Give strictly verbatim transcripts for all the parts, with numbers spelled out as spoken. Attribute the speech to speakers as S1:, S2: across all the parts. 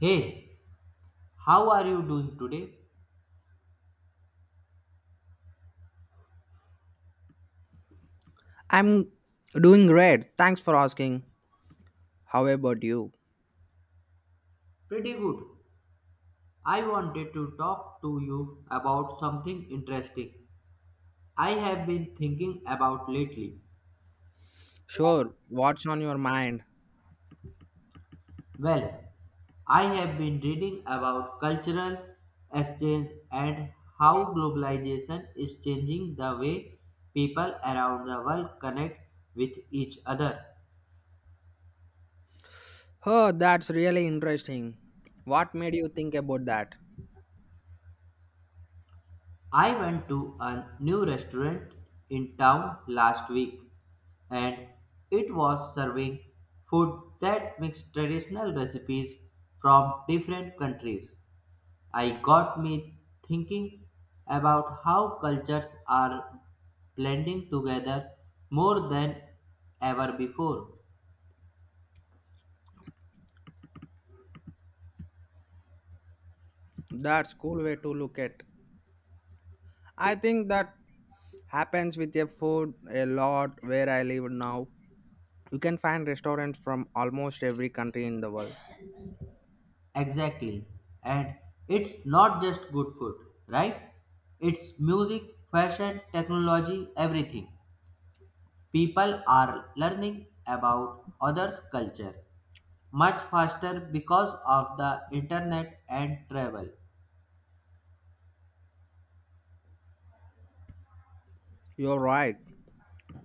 S1: Hey, how are you doing today?
S2: I'm doing great. Thanks for asking. How about you?
S1: Pretty good. I wanted to talk to you about something interesting I have been thinking about lately.
S2: Sure. What's on your mind?
S1: Well, I have been reading about cultural exchange and how globalization is changing the way people around the world connect with each other.
S2: Oh, that's really interesting. What made you think about that?
S1: I went to a new restaurant in town last week and it was serving food that mixed traditional recipes from different countries. I got me thinking about how cultures are blending together more than ever before.
S2: That's cool way to look at. I think that happens with your food a lot where I live now. You can find restaurants from almost every country in the world.
S1: Exactly. And it's not just good food, right? It's music, fashion, technology, everything. People are learning about others' culture much faster because of the internet and travel.
S2: You're right.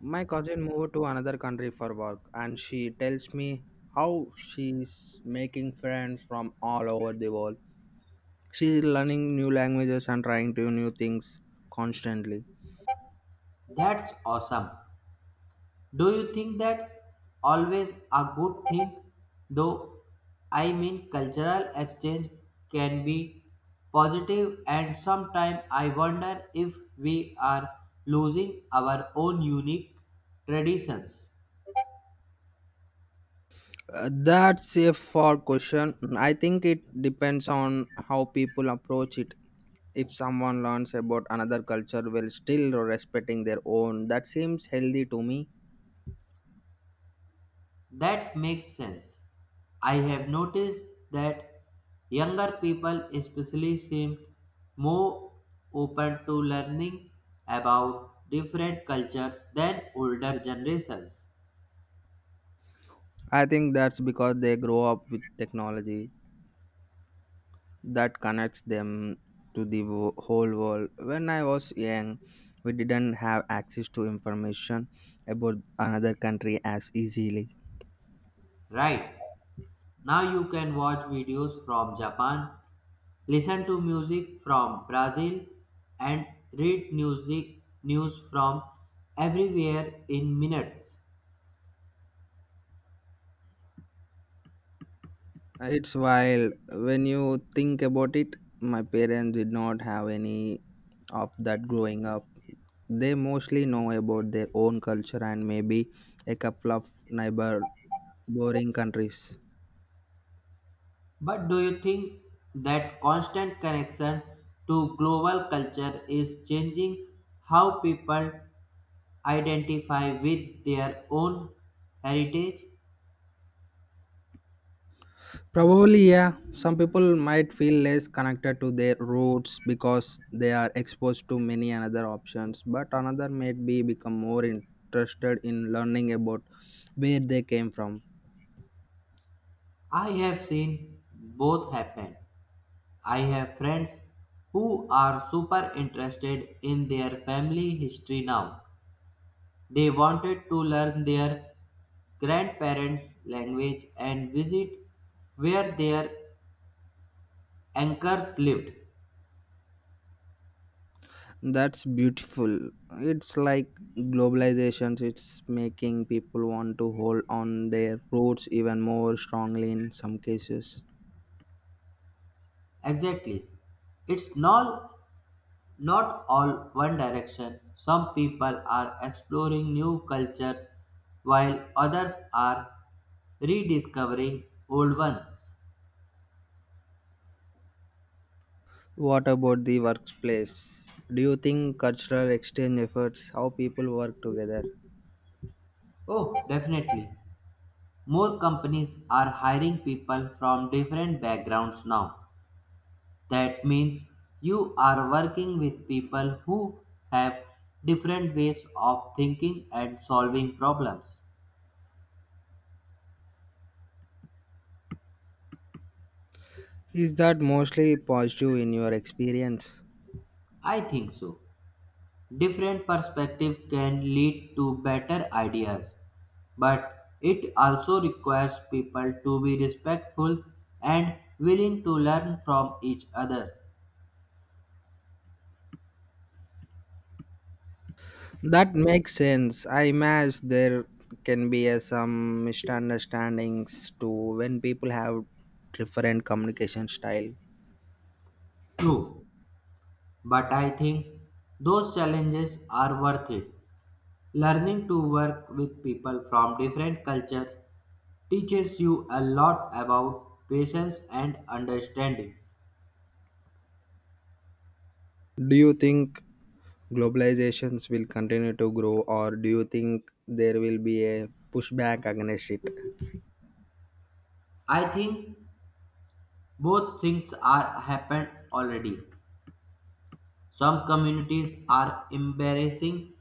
S2: My cousin moved to another country for work, and she tells me how she's making friends from all over the world. She's learning new languages and trying to new things constantly.
S1: That's awesome. Do you think that's always a good thing? Though I mean, cultural exchange can be positive, and sometimes I wonder if we are losing our own unique traditions.
S2: Uh, that's a far question. I think it depends on how people approach it. If someone learns about another culture while still respecting their own, that seems healthy to me.
S1: That makes sense. I have noticed that younger people especially seem more open to learning about different cultures than older generations.
S2: I think that's because they grow up with technology that connects them to the wo- whole world. When I was young, we didn't have access to information about another country as easily.
S1: Right. Now you can watch videos from Japan, listen to music from Brazil and read music news from everywhere in minutes.
S2: It's wild when you think about it. My parents did not have any of that growing up. They mostly know about their own culture and maybe a couple of neighbor boring countries.
S1: But do you think that constant connection to global culture is changing how people identify with their own heritage?
S2: Probably, yeah. Some people might feel less connected to their roots because they are exposed to many another options, but another might be become more interested in learning about where they came from.
S1: I have seen both happen. I have friends who are super interested in their family history now. They wanted to learn their grandparents' language and visit where their anchors lived.
S2: That's beautiful. It's like globalization, it's making people want to hold on their roots even more strongly in some cases.
S1: Exactly. It's not, not all one direction. Some people are exploring new cultures while others are rediscovering old ones.
S2: What about the workplace? Do you think cultural exchange efforts, how people work together,
S1: Oh, definitely. More companies are hiring people from different backgrounds now. That means you are working with people who have different ways of thinking and solving problems.
S2: is that mostly positive in your experience?
S1: I think so. Different perspective can lead to better ideas, but it also requires people to be respectful and willing to learn from each other.
S2: That makes sense. I imagine there can be uh, some misunderstandings too when people have different communication style.
S1: True, but I think those challenges are worth it. Learning to work with people from different cultures teaches you a lot about patience and understanding.
S2: Do you think globalizations will continue to grow, or do you think there will be a pushback against it?
S1: I think both things are happened already. Some communities are embracing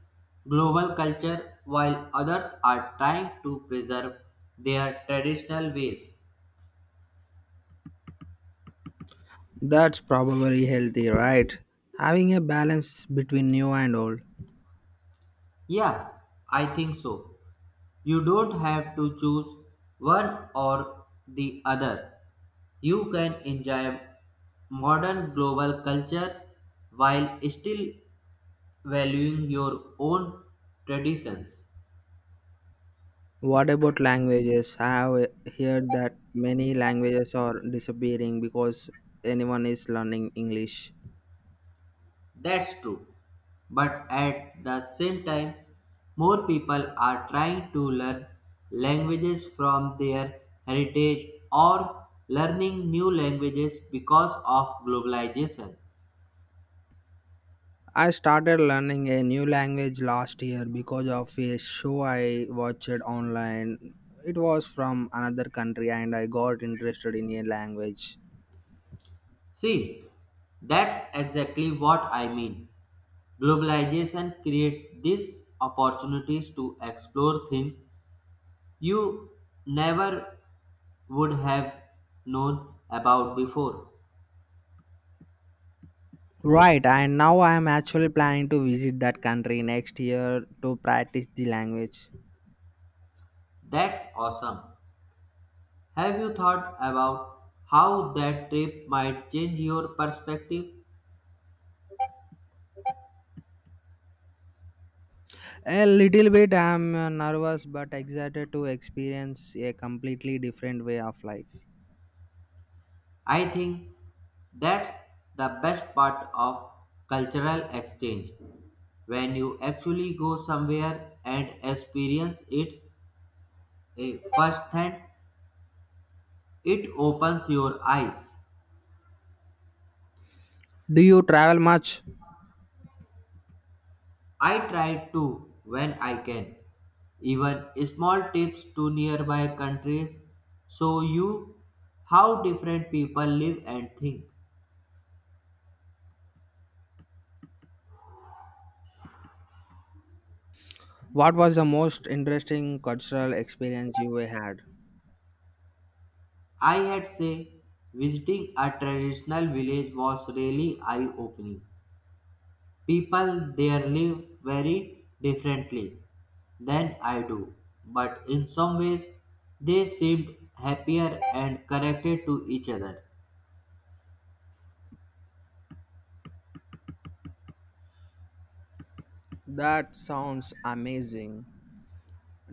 S1: global culture while others are trying to preserve their traditional ways.
S2: That's probably healthy, right? Having a balance between new and old.
S1: Yeah, I think so. You don't have to choose one or the other. You can enjoy modern global culture while still valuing your own traditions.
S2: What about languages? I have heard that many languages are disappearing because anyone is learning English.
S1: That's true. But at the same time, more people are trying to learn languages from their heritage or learning new languages because of globalization.
S2: I started learning a new language last year because of a show I watched online. It was from another country and I got interested in a language.
S1: See, that's exactly what I mean. Globalization creates these opportunities to explore things you never would have known about before.
S2: Right, and now I am actually planning to visit that country next year to practice the language.
S1: That's awesome. Have you thought about how that trip might change your perspective?
S2: A little bit. I am uh, nervous but excited to experience a completely different way of life.
S1: I think that's the best part of cultural exchange when you actually go somewhere and experience it eh, firsthand. It opens your eyes.
S2: Do you travel much?
S1: I try to when I can. Even small trips to nearby countries show you how different people live and think.
S2: What was the most interesting cultural experience you had?
S1: I had say visiting a traditional village was really eye opening. People there live very differently than I do, but in some ways they seemed happier and connected to each other.
S2: That sounds amazing.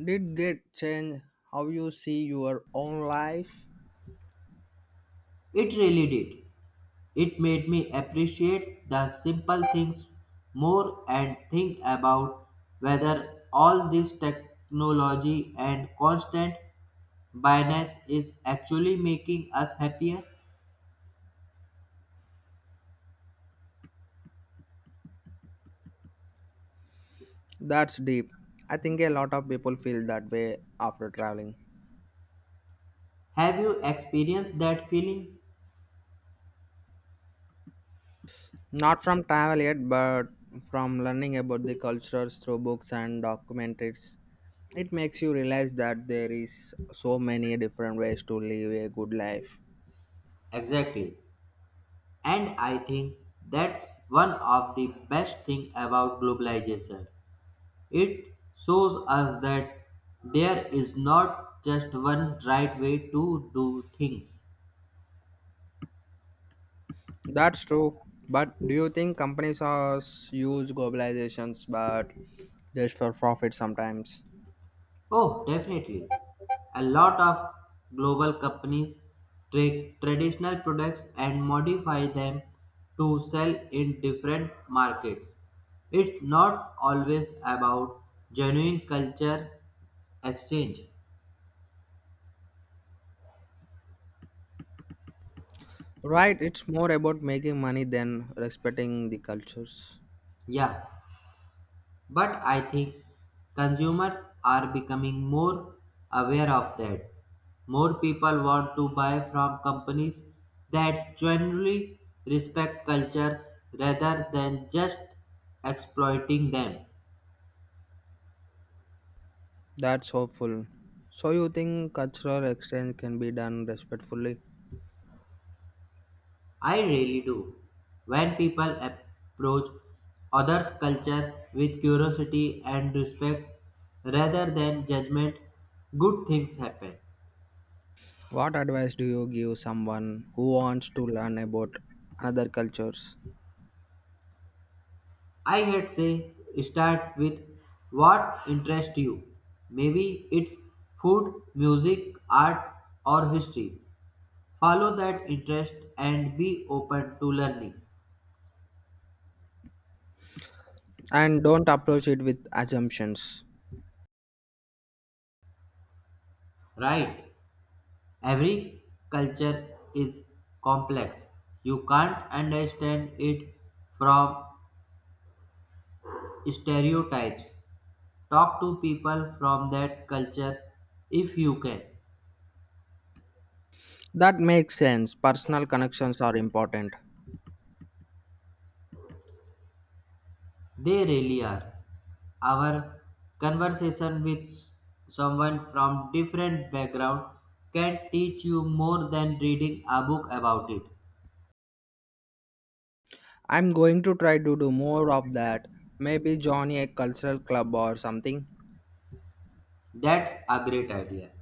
S2: Did get change how you see your own life?
S1: It really did. It made me appreciate the simple things more and think about whether all this technology and constant Bias is actually making us happier.
S2: That's deep. I think a lot of people feel that way after traveling.
S1: Have you experienced that feeling?
S2: Not from travel yet, but from learning about the cultures through books and documentaries. It makes you realize that there is so many different ways to live a good life.
S1: Exactly. And I think that's one of the best thing about globalization. It shows us that there is not just one right way to do things.
S2: That's true. But do you think companies are s- use globalizations but just for profit sometimes?
S1: Oh, definitely. A lot of global companies take traditional products and modify them to sell in different markets. It's not always about genuine culture exchange.
S2: Right, it's more about making money than respecting the cultures.
S1: Yeah. But I think consumers are becoming more aware of that. More people want to buy from companies that genuinely respect cultures rather than just exploiting them.
S2: That's hopeful. So you think cultural exchange can be done respectfully?
S1: I really do. When people approach others' culture with curiosity and respect rather than judgment, good things happen.
S2: What advice do you give someone who wants to learn about other cultures
S1: I had say start with what interests you. Maybe it's food, music, art, or history. Follow that interest and be open to learning.
S2: and don't approach it with assumptions?
S1: Right? Every culture is complex. You can't understand it from stereotypes. Talk to people from that culture if you can.
S2: That makes sense. Personal connections are important.
S1: They really are. Our conversation with someone from different background can teach you more than reading a book about it.
S2: I'm going to try to do more of that. Maybe join a cultural club or something.
S1: That's a great idea.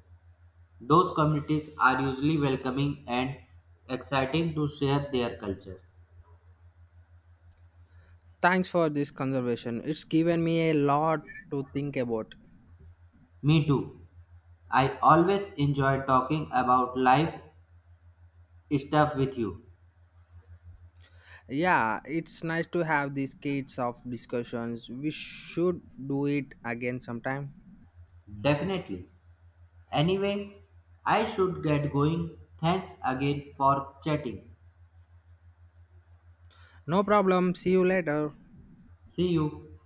S1: Those communities are usually welcoming and exciting to share their culture.
S2: Thanks for this conversation. It's given me a lot to think about.
S1: Me too. I always enjoy talking about life stuff with you.
S2: Yeah, it's nice to have these kinds of discussions. We should do it again sometime.
S1: Definitely. Anyway, I should get going. Thanks again for chatting.
S2: No problem. See you later.
S1: See you.